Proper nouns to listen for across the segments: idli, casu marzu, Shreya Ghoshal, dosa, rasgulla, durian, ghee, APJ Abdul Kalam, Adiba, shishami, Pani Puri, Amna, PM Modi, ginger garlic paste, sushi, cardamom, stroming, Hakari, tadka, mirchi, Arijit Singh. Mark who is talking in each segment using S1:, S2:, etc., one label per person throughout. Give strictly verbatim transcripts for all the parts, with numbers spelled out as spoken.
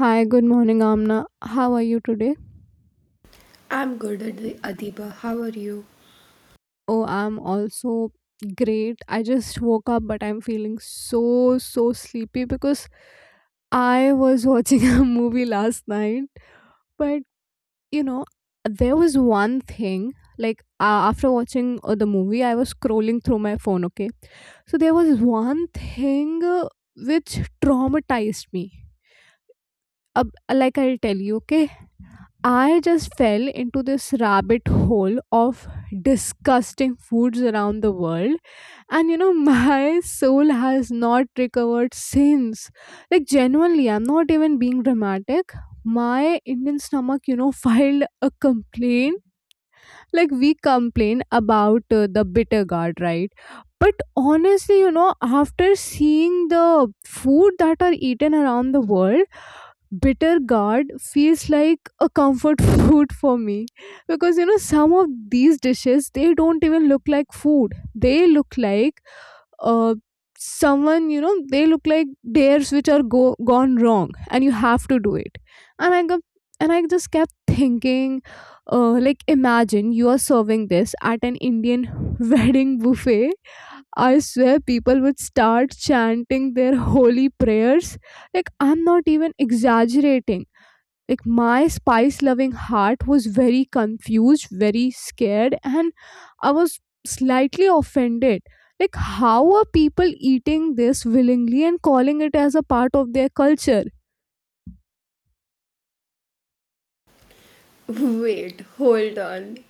S1: Hi, good morning, Amna. How are you today?
S2: I'm good at the Adiba. How are you?
S1: Oh, I'm also great. I just woke up, but I'm feeling so, so sleepy because I was watching a movie last night. But, you know, there was one thing, like uh, after watching uh, the movie, I was scrolling through my phone, okay? So there was one thing, uh, which traumatized me. Uh, like I'll tell you, okay? I just fell into this rabbit hole of disgusting foods around the world, and you know, my soul has not recovered since. Like, genuinely, I'm not even being dramatic. My Indian stomach, you know, filed a complaint. Like, we complain about uh, the bitter gourd, right? But honestly, you know, after seeing the food that are eaten around the world, bitter gourd feels like a comfort food for me because you know some of these dishes they don't even look like food, they look like uh someone, you know, they look like dares which are go- gone wrong and you have to do it and i got and I just kept thinking, uh like imagine you are serving this at an Indian wedding buffet. I swear people would start chanting their holy prayers. Like, I'm not even exaggerating. Like, my spice loving heart was very confused, very scared, and I was slightly offended. Like, how are people eating this willingly and calling it as a part of their culture?
S2: Wait, hold on.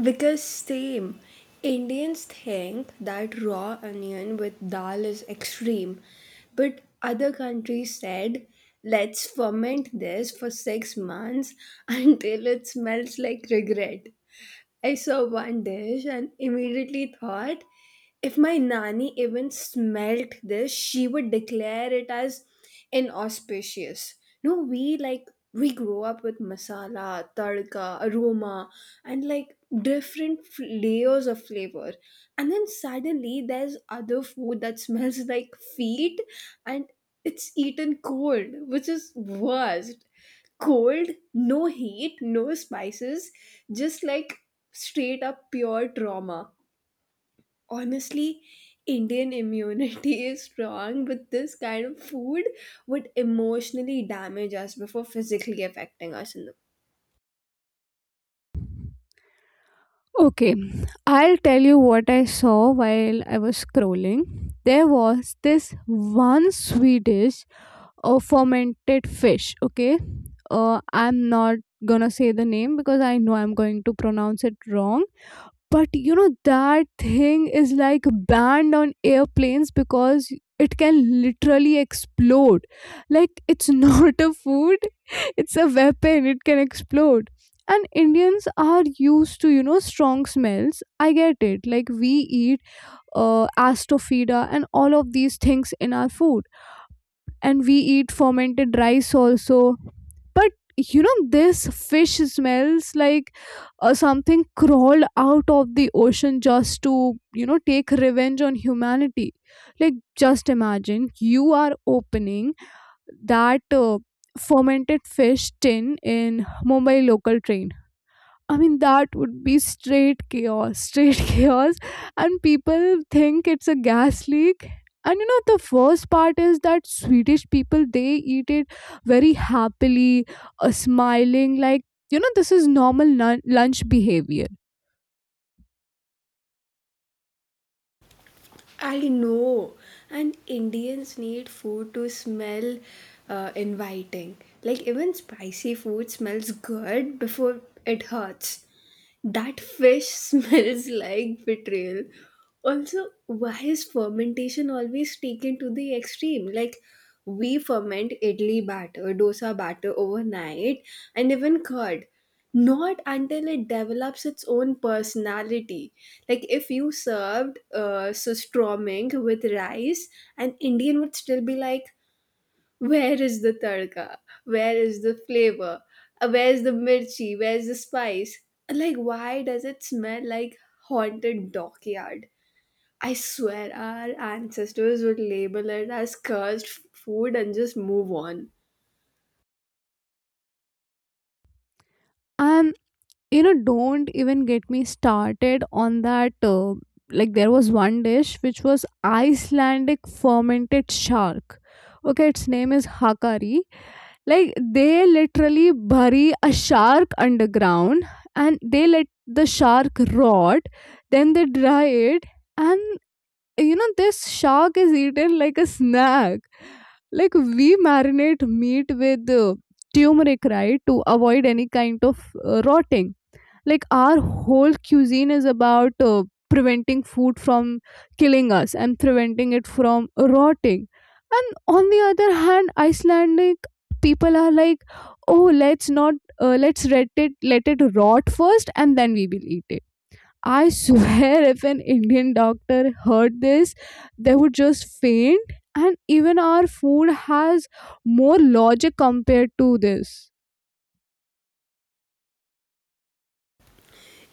S2: Because same, Indians think that raw onion with dal is extreme, but other countries said, let's ferment this for six months until it smells like regret. I saw one dish and immediately thought if my nanny even smelt this, she would declare it as inauspicious. No, we like we grow up with masala, tadka, aroma, and like different f- layers of flavor, and then suddenly there's other food that smells like feet, and it's eaten cold, which is worse cold, no heat, no spices, just like straight up pure trauma. Honestly, Indian immunity is strong, but this kind of food would emotionally damage us before physically affecting us. In the-
S1: Okay, I'll tell you what I saw while I was scrolling. There was this one Swedish a fermented fish, okay? Uh, i'm not gonna say the name because I know I'm going to pronounce it wrong, but you know that thing is like banned on airplanes because it can literally explode. Like, it's not a food, it's a weapon. It can explode. And Indians are used to, you know, strong smells, I get it. Like, we eat uh, astrofida and all of these things in our food, and we eat fermented rice also. But you know this fish smells like uh, something crawled out of the ocean just to, you know, take revenge on humanity. Like, just imagine you are opening that uh, fermented fish tin in Mumbai local train. I mean, that would be straight chaos, straight chaos. And people think it's a gas leak. And you know, the worst part is that Swedish people, they eat it very happily, uh, smiling, like, you know, this is normal nun- lunch behavior.
S2: I know, and Indians need food to smell uh, inviting. Like, even spicy food smells good before it hurts. That fish smells like betrayal. Also, why is fermentation always taken to the extreme? Like, we ferment idli batter, dosa batter overnight, and even curd. Not until it develops its own personality. Like, if you served uh, so stroming with rice, an Indian would still be like, where is the tadka? Where is the flavor? Uh, Where's the mirchi? Where's the spice? Like, why does it smell like haunted dockyard? I swear our ancestors would label it as cursed f- food and just move on.
S1: And, you know, don't even get me started on that. Uh, like, there was one dish which was Icelandic fermented shark. Okay, its name is Hakari. Like, they literally bury a shark underground and they let the shark rot, then they dry it, and you know, this shark is eaten like a snack. Like, we marinate meat with uh, turmeric, right, to avoid any kind of uh, rotting. Like, our whole cuisine is about uh, preventing food from killing us and preventing it from rotting. And on the other hand, Icelandic people are like, oh, let's not, uh, let's let it let it rot first and then we will eat it. I swear if an Indian doctor heard this, they would just faint. And even our food has more logic compared to this.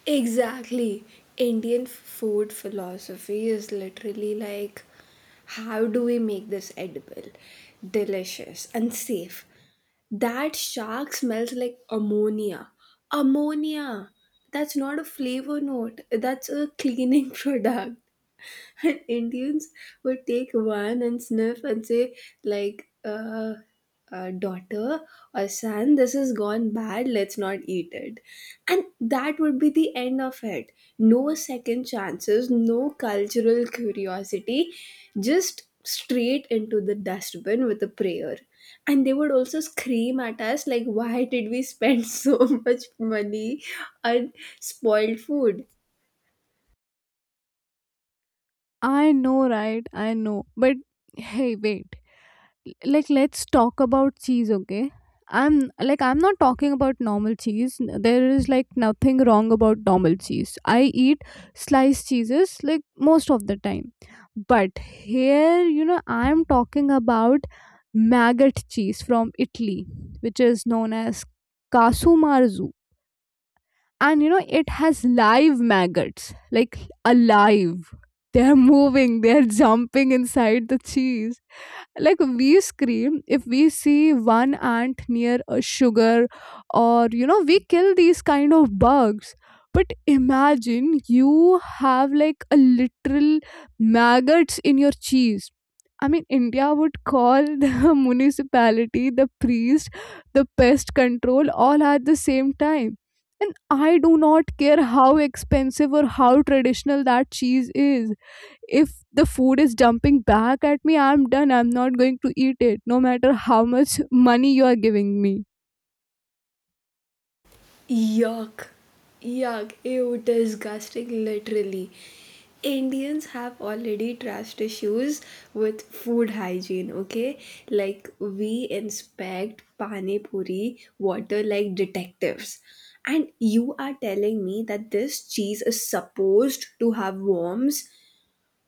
S2: Exactly. Indian food philosophy is literally like how do we make this edible, delicious, and safe? That shark smells like ammonia. Ammonia! That's not a flavor note, that's a cleaning product. And Indians would take one and sniff and say, like, uh, uh, daughter or son, this has gone bad, let's not eat it. And that would be the end of it. No second chances, no cultural curiosity, just straight into the dustbin with a prayer. And they would also scream at us, like, why did we spend so much money on spoiled food?
S1: I know, right? I know. But hey, wait, like let's talk about cheese, okay? I'm like i'm not talking about normal cheese. There is like nothing wrong about normal cheese. I eat sliced cheeses like most of the time. But here, you know, I'm talking about maggot cheese from Italy, which is known as casu marzu. And you know it has live maggots, like alive. They're moving, they're jumping inside the cheese. Like, we scream if we see one ant near a sugar, or you know, we kill these kind of bugs. But imagine you have like a literal maggots in your cheese. I mean, India would call the municipality, the priest, the pest control, all at the same time. And I do not care how expensive or how traditional that cheese is, if the food is dumping back at me, I'm done. I'm not going to eat it no matter how much money you are giving me.
S2: Yuck. Yuck. Ew, disgusting, literally. Indians have already trust issues with food hygiene, okay? Like, we inspect Pani Puri water like detectives. And you are telling me that this cheese is supposed to have worms?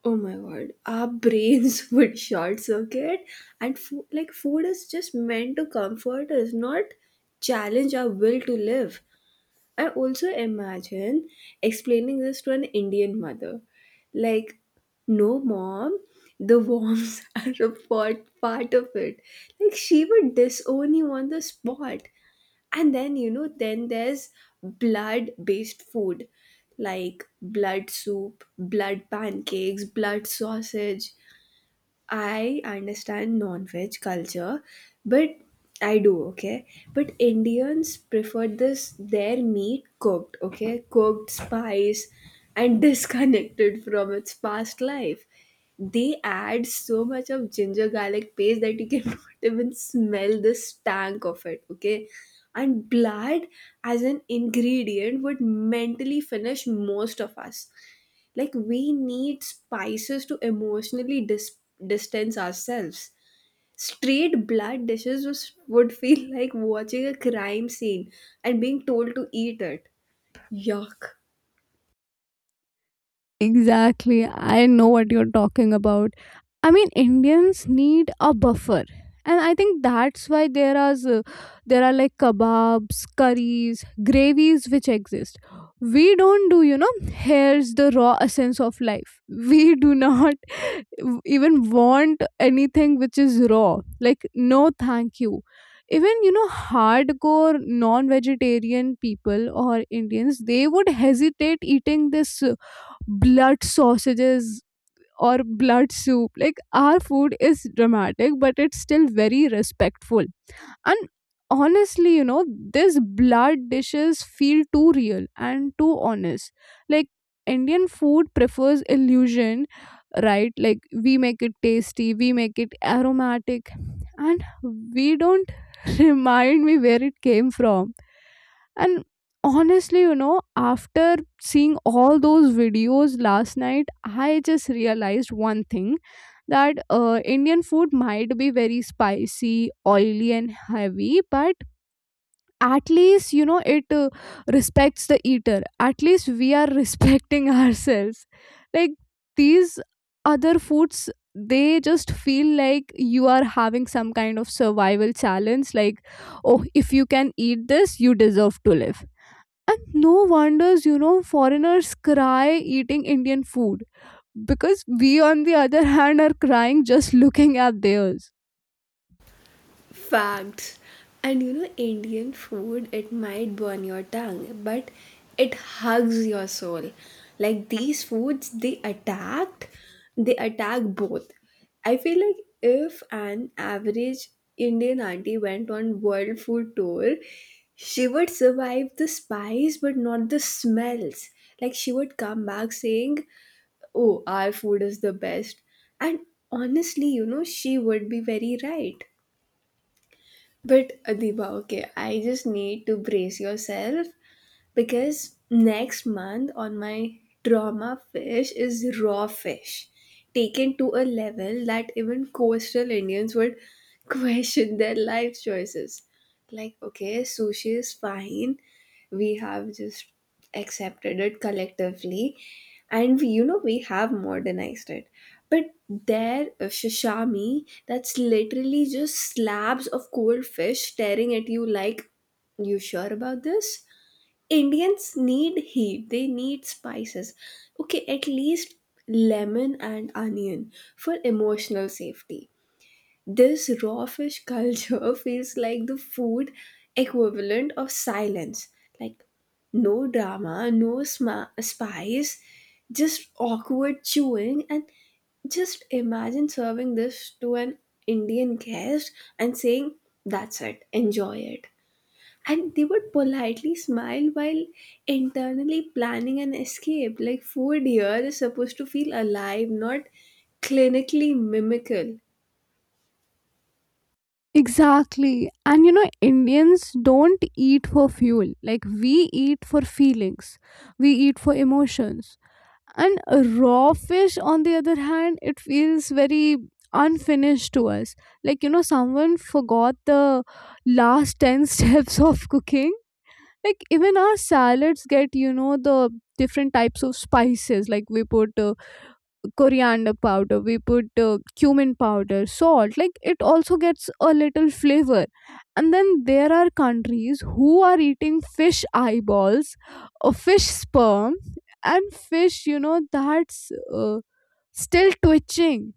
S2: Oh my god, our brains would short circuit. And food, like, food is just meant to comfort us, not challenge our will to live. I also imagine explaining this to an Indian mother. Like, no, mom, the worms are a part, part of it. Like, she would disown you on the spot. And then, you know, then there's blood based food like blood soup, blood pancakes, blood sausage. I understand non-veg culture, but I do, okay? But Indians prefer this their meat cooked, okay? Cooked, spice, and disconnected from its past life. They add so much of ginger garlic paste that you cannot even smell the stank of it, okay? And blood as an ingredient would mentally finish most of us like we need spices to emotionally dis- distance ourselves straight blood dishes was, would feel like watching a crime scene and being told to eat it. Yuck.
S1: Exactly. I know what you're talking about. I mean, Indians need a buffer. And I think that's why there are s- there are like kebabs, curries, gravies which exist. We don't do, you know, here's the raw essence of life. We do not even want anything which is raw. Like, no thank you. Even you know hardcore non-vegetarian people or Indians, they would hesitate eating this blood sausages or blood soup. Like, our food is dramatic, but it's still very respectful. And honestly, you know, these blood dishes feel too real and too honest. Like, Indian food prefers illusion, right? Like, we make it tasty, we make it aromatic, and we don't remind me where it came from. And honestly, you know, after seeing all those videos last night, I just realized one thing, that uh, Indian food might be very spicy, oily, and heavy, but at least, you know, it uh, respects the eater. At least we are respecting ourselves. Like, these other foods, they just feel like you are having some kind of survival challenge. Like, oh, if you can eat this, you deserve to live. And no wonders, you know, foreigners cry eating Indian food because we, on the other hand, are crying just looking at theirs.
S2: Facts. And you know, Indian food, it might burn your tongue, but it hugs your soul. Like these foods, they attacked, they attack both. I feel like if an average Indian auntie went on world food tour, she would survive the spice but not the smells. Like she would come back saying, oh, our food is the best. And honestly, you know, she would be very right. But Adiba, okay, I just need to brace yourself because next month on my trauma fish is raw fish taken to a level that even coastal Indians would question their life choices. Like okay, sushi is fine, we have just accepted it collectively and we, you know we have modernized it, but there uh, shishami, that's literally just slabs of cold fish staring at you like, you sure about this? Indians need heat, they need spices. Okay, at least lemon and onion for emotional safety. This raw fish culture feels like the food equivalent of silence. Like no drama, no sma- spice, just awkward chewing. And just imagine serving this to an Indian guest and saying, that's it, enjoy it. And they would politely smile while internally planning an escape. Like food here is supposed to feel alive, not clinically mimical.
S1: Exactly. And you know, Indians don't eat for fuel. Like, we eat for feelings, we eat for emotions. And raw fish, on the other hand, it feels very unfinished to us. Like, you know, someone forgot the last ten steps of cooking. Like, even our salads get, you know, the different types of spices. Like, we put uh, coriander powder, we put uh, cumin powder, salt. Like, it also gets a little flavor. And then there are countries who are eating fish eyeballs or fish sperm and fish, you know, that's uh, still twitching.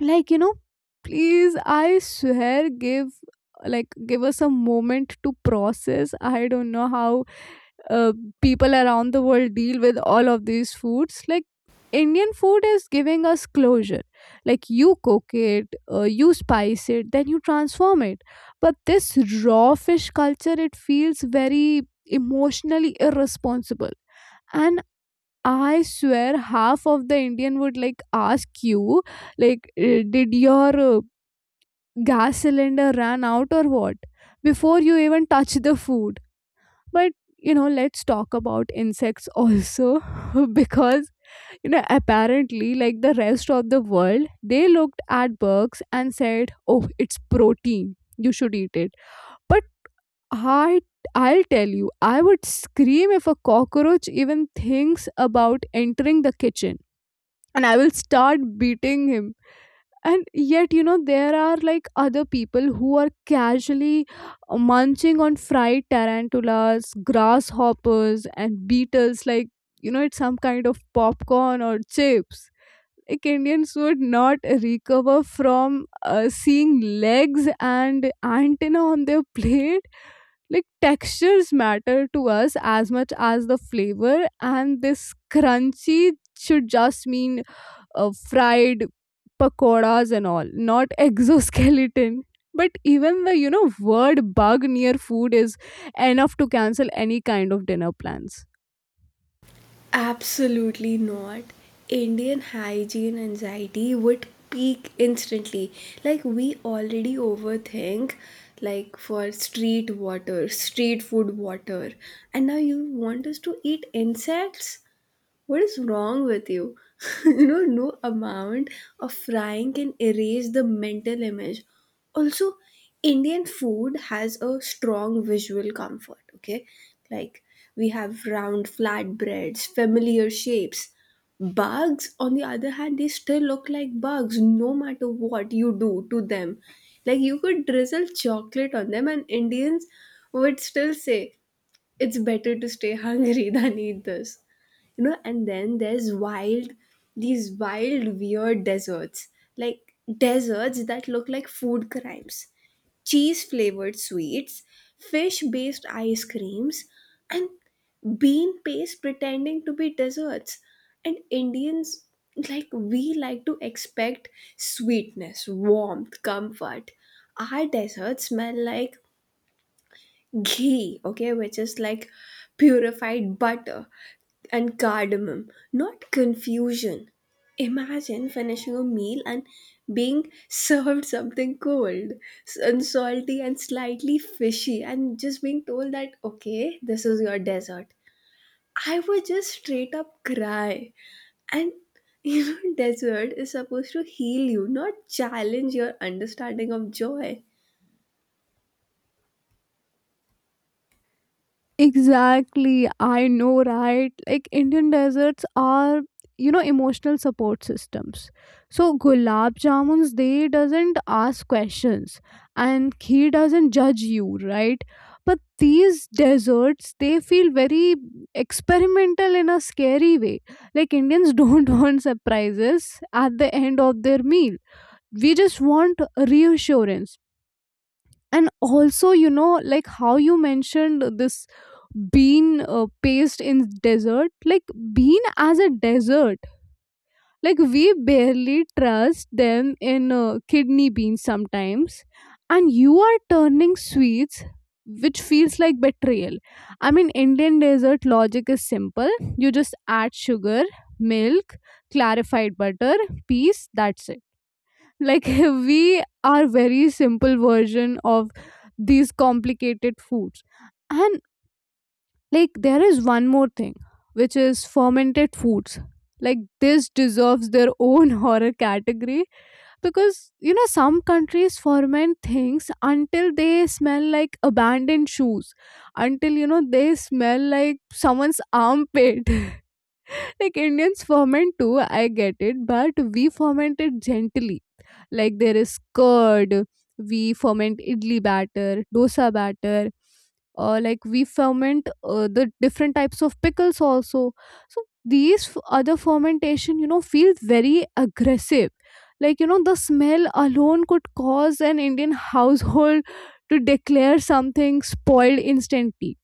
S1: Like, you know, please, I swear, give like give us a moment to process. I don't know how uh, people around the world deal with all of these foods. Like, Indian food is giving us closure. Like, you cook it, uh, you spice it, then you transform it. But this raw fish culture, it feels very emotionally irresponsible. And I swear half of the Indian would like ask you, like, uh, did your uh, gas cylinder run out or what, before you even touch the food. But you know, let's talk about insects also because you know apparently like the rest of the world, they looked at bugs and said, oh, it's protein, you should eat it. But i i'll tell you, I would scream if a cockroach even thinks about entering the kitchen, and I will start beating him. And yet, you know, there are like other people who are casually uh, munching on fried tarantulas, grasshoppers and beetles, like, you know, it's some kind of popcorn or chips. Like, Indians would not recover from uh, seeing legs and antenna on their plate. Like, textures matter to us as much as the flavor, and this crunchy should just mean uh, fried pakoras and all, not exoskeleton. But even the, you know, word bug near food is enough to cancel any kind of dinner plans.
S2: Absolutely not. Indian hygiene anxiety would peak instantly. Like we already overthink like for street water, street food water. And now you want us to eat insects? What is wrong with you? You know, no amount of frying can erase the mental image. Also, Indian food has a strong visual comfort, okay? Like, we have round flatbreads, familiar shapes. Bugs, on the other hand, they still look like bugs no matter what you do to them. Like, you could drizzle chocolate on them, and Indians would still say, it's better to stay hungry than eat this. You know, and then there's wild these wild weird desserts, like desserts that look like food crimes, cheese flavored sweets, fish based ice creams, and bean paste pretending to be desserts. And Indians, like, we like to expect sweetness, warmth, comfort. Our desserts smell like ghee, okay, which is like purified butter, and cardamom, not confusion. Imagine finishing a meal and being served something cold s- and salty and slightly fishy, and just being told that, okay, this is your dessert. I would just straight up cry. And you know, dessert is supposed to heal you, not challenge your understanding of joy.
S1: Exactly, I know, right? Like, Indian deserts are, you know, emotional support systems. So gulab jamuns, they doesn't ask questions, and he doesn't judge you, right? But these deserts, they feel very experimental in a scary way. Like, Indians don't want surprises at the end of their meal. We just want reassurance. And also, you know like how you mentioned this bean uh, paste in desert, like bean as a desert, like we barely trust them in uh, kidney beans sometimes, and you are turning sweets which feels like betrayal. I mean, Indian desert logic is simple. You just add sugar, milk, clarified butter, peas, that's it. Like, we are very simple version of these complicated foods. And like there is one more thing, which is fermented foods. Like this deserves their own horror category. Because you know some countries ferment things until they smell like abandoned shoes, until you know they smell like someone's armpit. Like Indians ferment too, I get it, but we ferment it gently. Like there is curd, we ferment idli batter, dosa batter, uh, like we ferment uh, the different types of pickles also. So these f- other fermentation, you know feels very aggressive. Like, you know the smell alone could cause an Indian household to declare something spoiled instantly.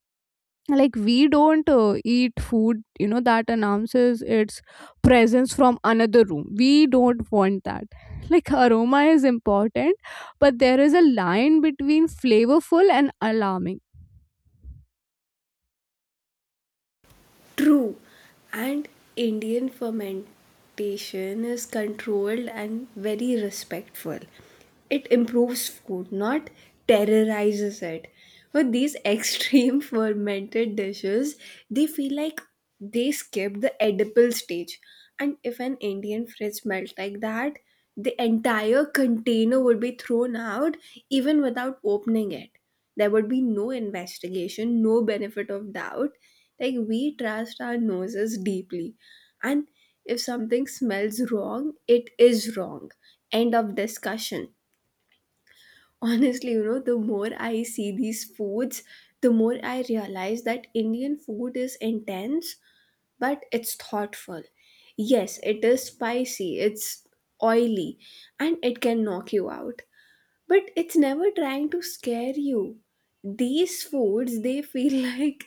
S1: Like we don't uh, eat food, you know that announces its presence from another room. We don't want that. Like aroma is important, but there is a line between flavorful and alarming.
S2: True. And Indian fermentation is controlled and very respectful. It improves food, not terrorizes it. But these extreme fermented dishes, they feel like they skip the edible stage. And if an Indian fridge smells like that, the entire container would be thrown out even without opening it. There would be no investigation, no benefit of doubt. Like, we trust our noses deeply. And if something smells wrong, it is wrong. End of discussion. Honestly, you know, the more I see these foods, the more I realize that Indian food is intense but it's thoughtful. Yes, it is spicy, it's oily, and it can knock you out. But it's never trying to scare you. These foods, they feel like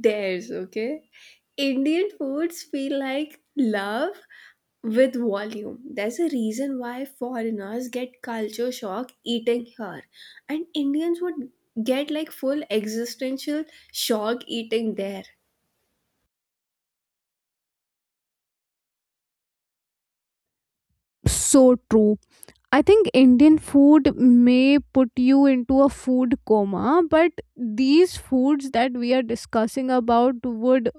S2: dares, okay? Indian foods feel like love with volume. There's a reason why foreigners get culture shock eating here, and Indians would get like full existential shock eating there.
S1: So true. I think Indian food may put you into a food coma, but these foods that we are discussing about would,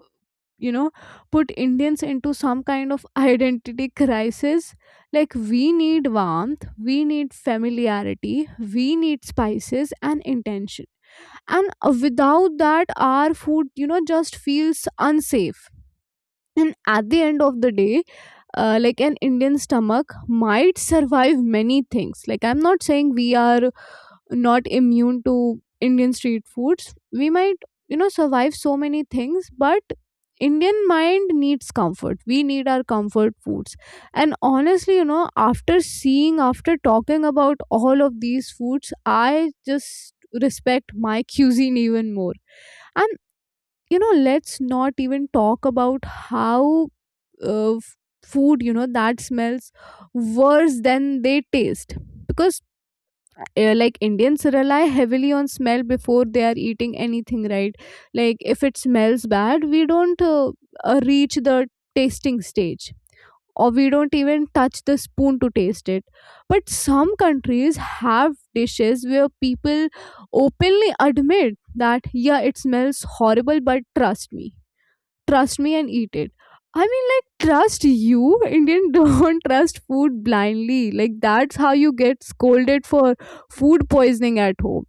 S1: you know put Indians into some kind of identity crisis. Like we need warmth, we need familiarity, we need spices and intention. And uh, without that, our food, you know just feels unsafe. And at the end of the day, uh, like an Indian stomach might survive many things. Like, I'm not saying we are not immune to Indian street foods. We might, you know, survive so many things, but Indian mind needs comfort. We need our comfort foods. And honestly, you know, after seeing, after talking about all of these foods, I just respect my cuisine even more. And, you know, let's not even talk about how uh, f- food, you know, that smells worse than they taste. Because uh, like Indians rely heavily on smell before they are eating anything, right? Like if it smells bad, we don't uh, uh, reach the tasting stage, or we don't even touch the spoon to taste it. But some countries have dishes where people openly admit that, yeah, it smells horrible, but trust me trust me and eat it. I mean, like, trust you? Indian don't trust food blindly. Like, that's how you get scolded for food poisoning at home.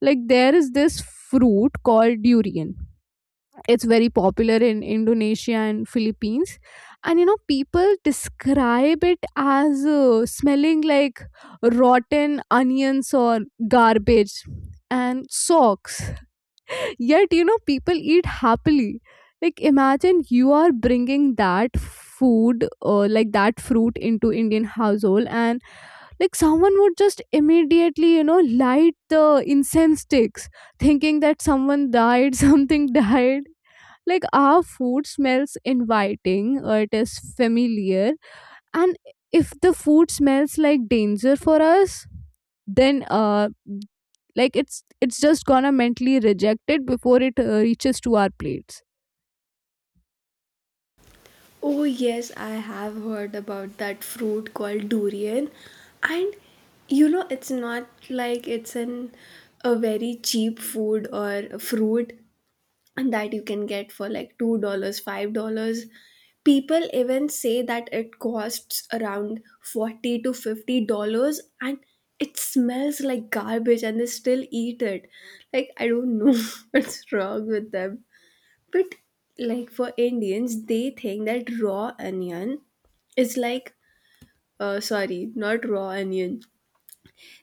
S1: Like, there is this fruit called durian. It's very popular in Indonesia and Philippines. And, you know, people describe it as uh, smelling like rotten onions or garbage and socks. Yet, you know, people eat happily. Like, imagine you are bringing that food, or like that fruit, into Indian household, and like someone would just immediately, you know, light the incense sticks, thinking that someone died, something died. Like, our food smells inviting, uh, it is familiar, and if the food smells like danger for us, then uh like it's it's just gonna mentally reject it before it uh, reaches to our plates.
S2: Oh, yes, I have heard about that fruit called durian. And you know, it's not like it's an a very cheap food or a fruit and that you can get for like two dollars, five dollars. People even say that it costs around forty to fifty dollars and it smells like garbage and they still eat it. Like I don't know what's wrong with them. But like for Indians, they think that raw onion is like, uh, sorry, not raw onion.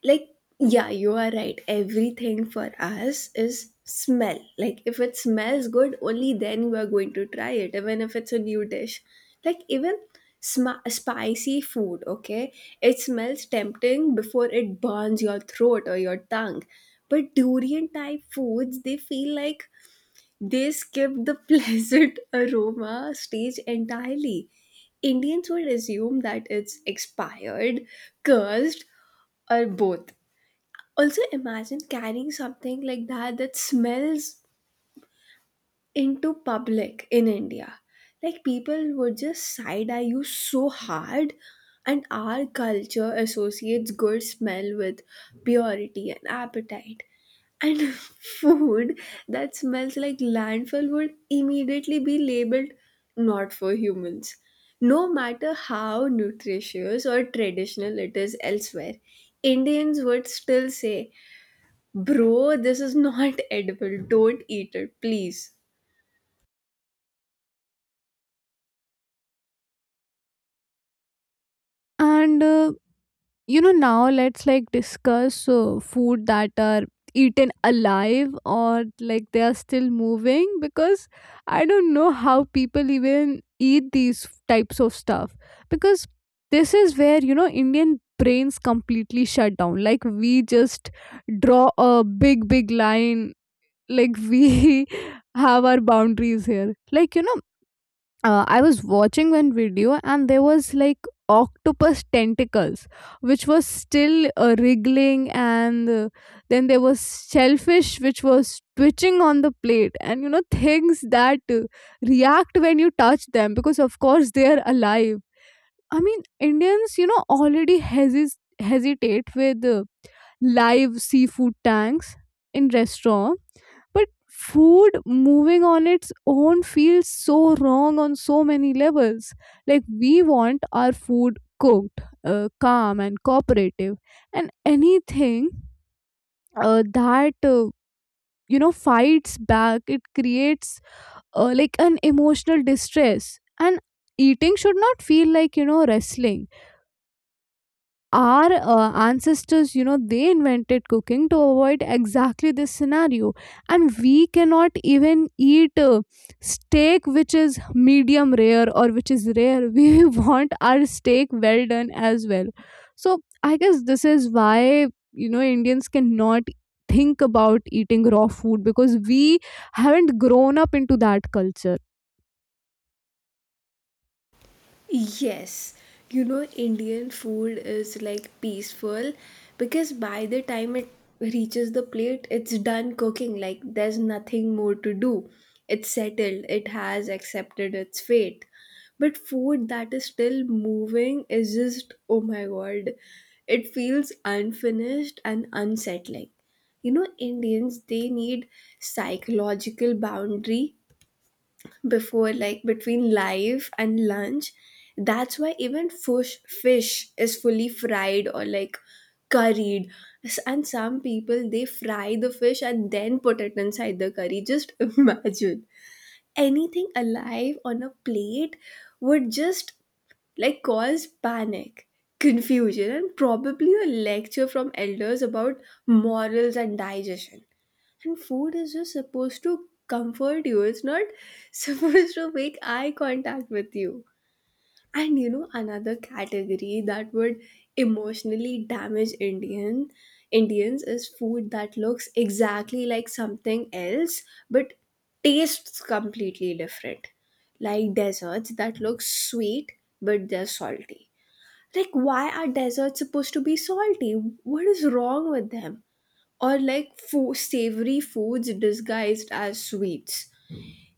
S2: Like, yeah, you are right. Everything for us is smell. Like, if it smells good, only then you are going to try it, even if it's a new dish. Like, even sm- spicy food, okay? It smells tempting before it burns your throat or your tongue. But durian type foods, they feel like they skipped the pleasant aroma stage entirely. Indians would assume that it's expired, cursed, or both. Also, imagine carrying something like that that smells into public in India. Like people would just side eye you so hard, and our culture associates good smell with purity and appetite. And food that smells like landfill would immediately be labeled not for humans. No matter how nutritious or traditional it is elsewhere, Indians would still say, bro, this is not edible. Don't eat it, please.
S1: And uh, you know now let's like discuss uh, food that are eaten alive, or like they are still moving, because I don't know how people even eat these types of stuff. Because this is where you know Indian brains completely shut down. Like we just draw a big big line. Like we have our boundaries here. Like, you know uh, I was watching one video, and there was like octopus tentacles which was still uh, wriggling, and uh, then there was shellfish which was twitching on the plate, and you know things that uh, react when you touch them, because of course they are alive. I mean, Indians, you know already hesis- hesitate with uh, live seafood tanks in restaurant. But food moving on its own feels so wrong on so many levels. Like we want our food cooked, uh, calm and cooperative. And anything uh, that uh, you know fights back, it creates uh, like an emotional distress. And eating should not feel like, you know wrestling. Our uh, ancestors, you know they invented cooking to avoid exactly this scenario. And we cannot even eat uh, steak which is medium rare or which is rare. We want our steak well done as well. So I guess this is why, you know Indians cannot think about eating raw food, because we haven't grown up into that culture.
S2: Yes, you know, Indian food is like peaceful because by the time it reaches the plate, it's done cooking. Like, there's nothing more to do. It's settled, it has accepted its fate. But food that is still moving is just, oh my god, it feels unfinished and unsettling. You know, Indians, they need psychological boundary before like between live and lunch. That's why even fish fish is fully fried or like curried. S- and some people they fry the fish and then put it inside the curry, just imagine anything alive on a plate would just like cause panic, confusion, and probably a lecture from elders about morals and digestion. And food is just supposed to comfort you, it's not supposed to make eye contact with you. And you know, another category that would emotionally damage Indian Indians is food that looks exactly like something else but tastes completely different. Like desserts that look sweet but they're salty. Like why are desserts supposed to be salty? What is wrong with them? Or like fo- savory foods disguised as sweets.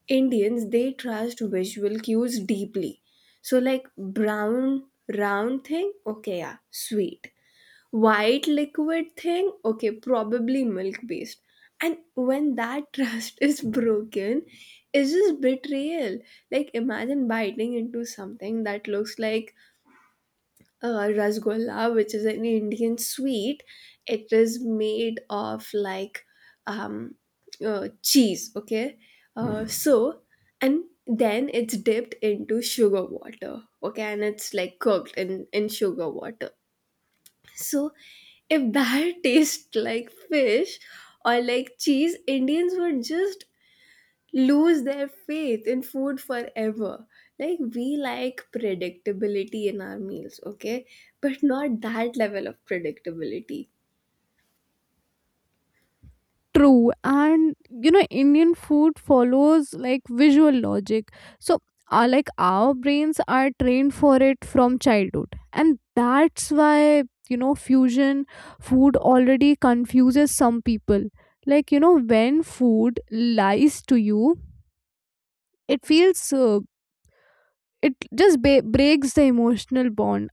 S2: Indians, they trust visual cues deeply. So, like brown, round thing, okay, yeah, sweet. White liquid thing, okay, probably milk based. And when that trust is broken, it's just betrayal. Like, imagine biting into something that looks like uh, rasgulla, which is an Indian sweet. It is made of like um, uh, cheese, okay? Uh, mhm. So, and then it's dipped into sugar water, okay? And it's like cooked in, in sugar water. So, if that tastes like fish or like cheese, Indians would just lose their faith in food forever. Like, we like predictability in our meals, okay? But not that level of predictability.
S1: True. And you know, Indian food follows like visual logic. So, uh, like our brains are trained for it from childhood. And that's why, you know, fusion food already confuses some people. Like, you know, when food lies to you, it feels, uh, it just ba- breaks the emotional bond.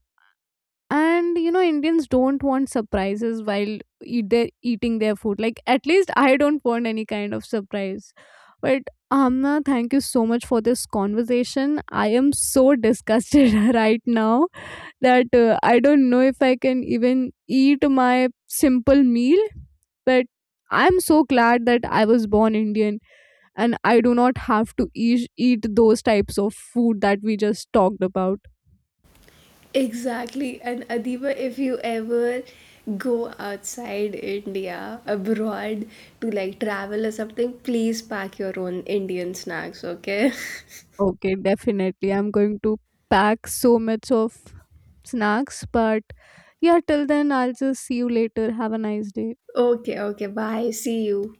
S1: And you know Indians don't want surprises while eat their, eating their food. Like, at least I don't want any kind of surprise. But Amna, thank you so much for this conversation. I am so disgusted right now that uh, I don't know if I can even eat my simple meal. But I'm so glad that I was born Indian, and I do not have to eat, eat those types of food that we just talked about.
S2: Exactly. And Adiba, if you ever go outside India, abroad, to like travel or something, please pack your own Indian snacks, okay?
S1: Okay, definitely. I'm going to pack so much of snacks. But yeah, till then, I'll just see you later. Have a nice day.
S2: Okay, okay. Bye. See you.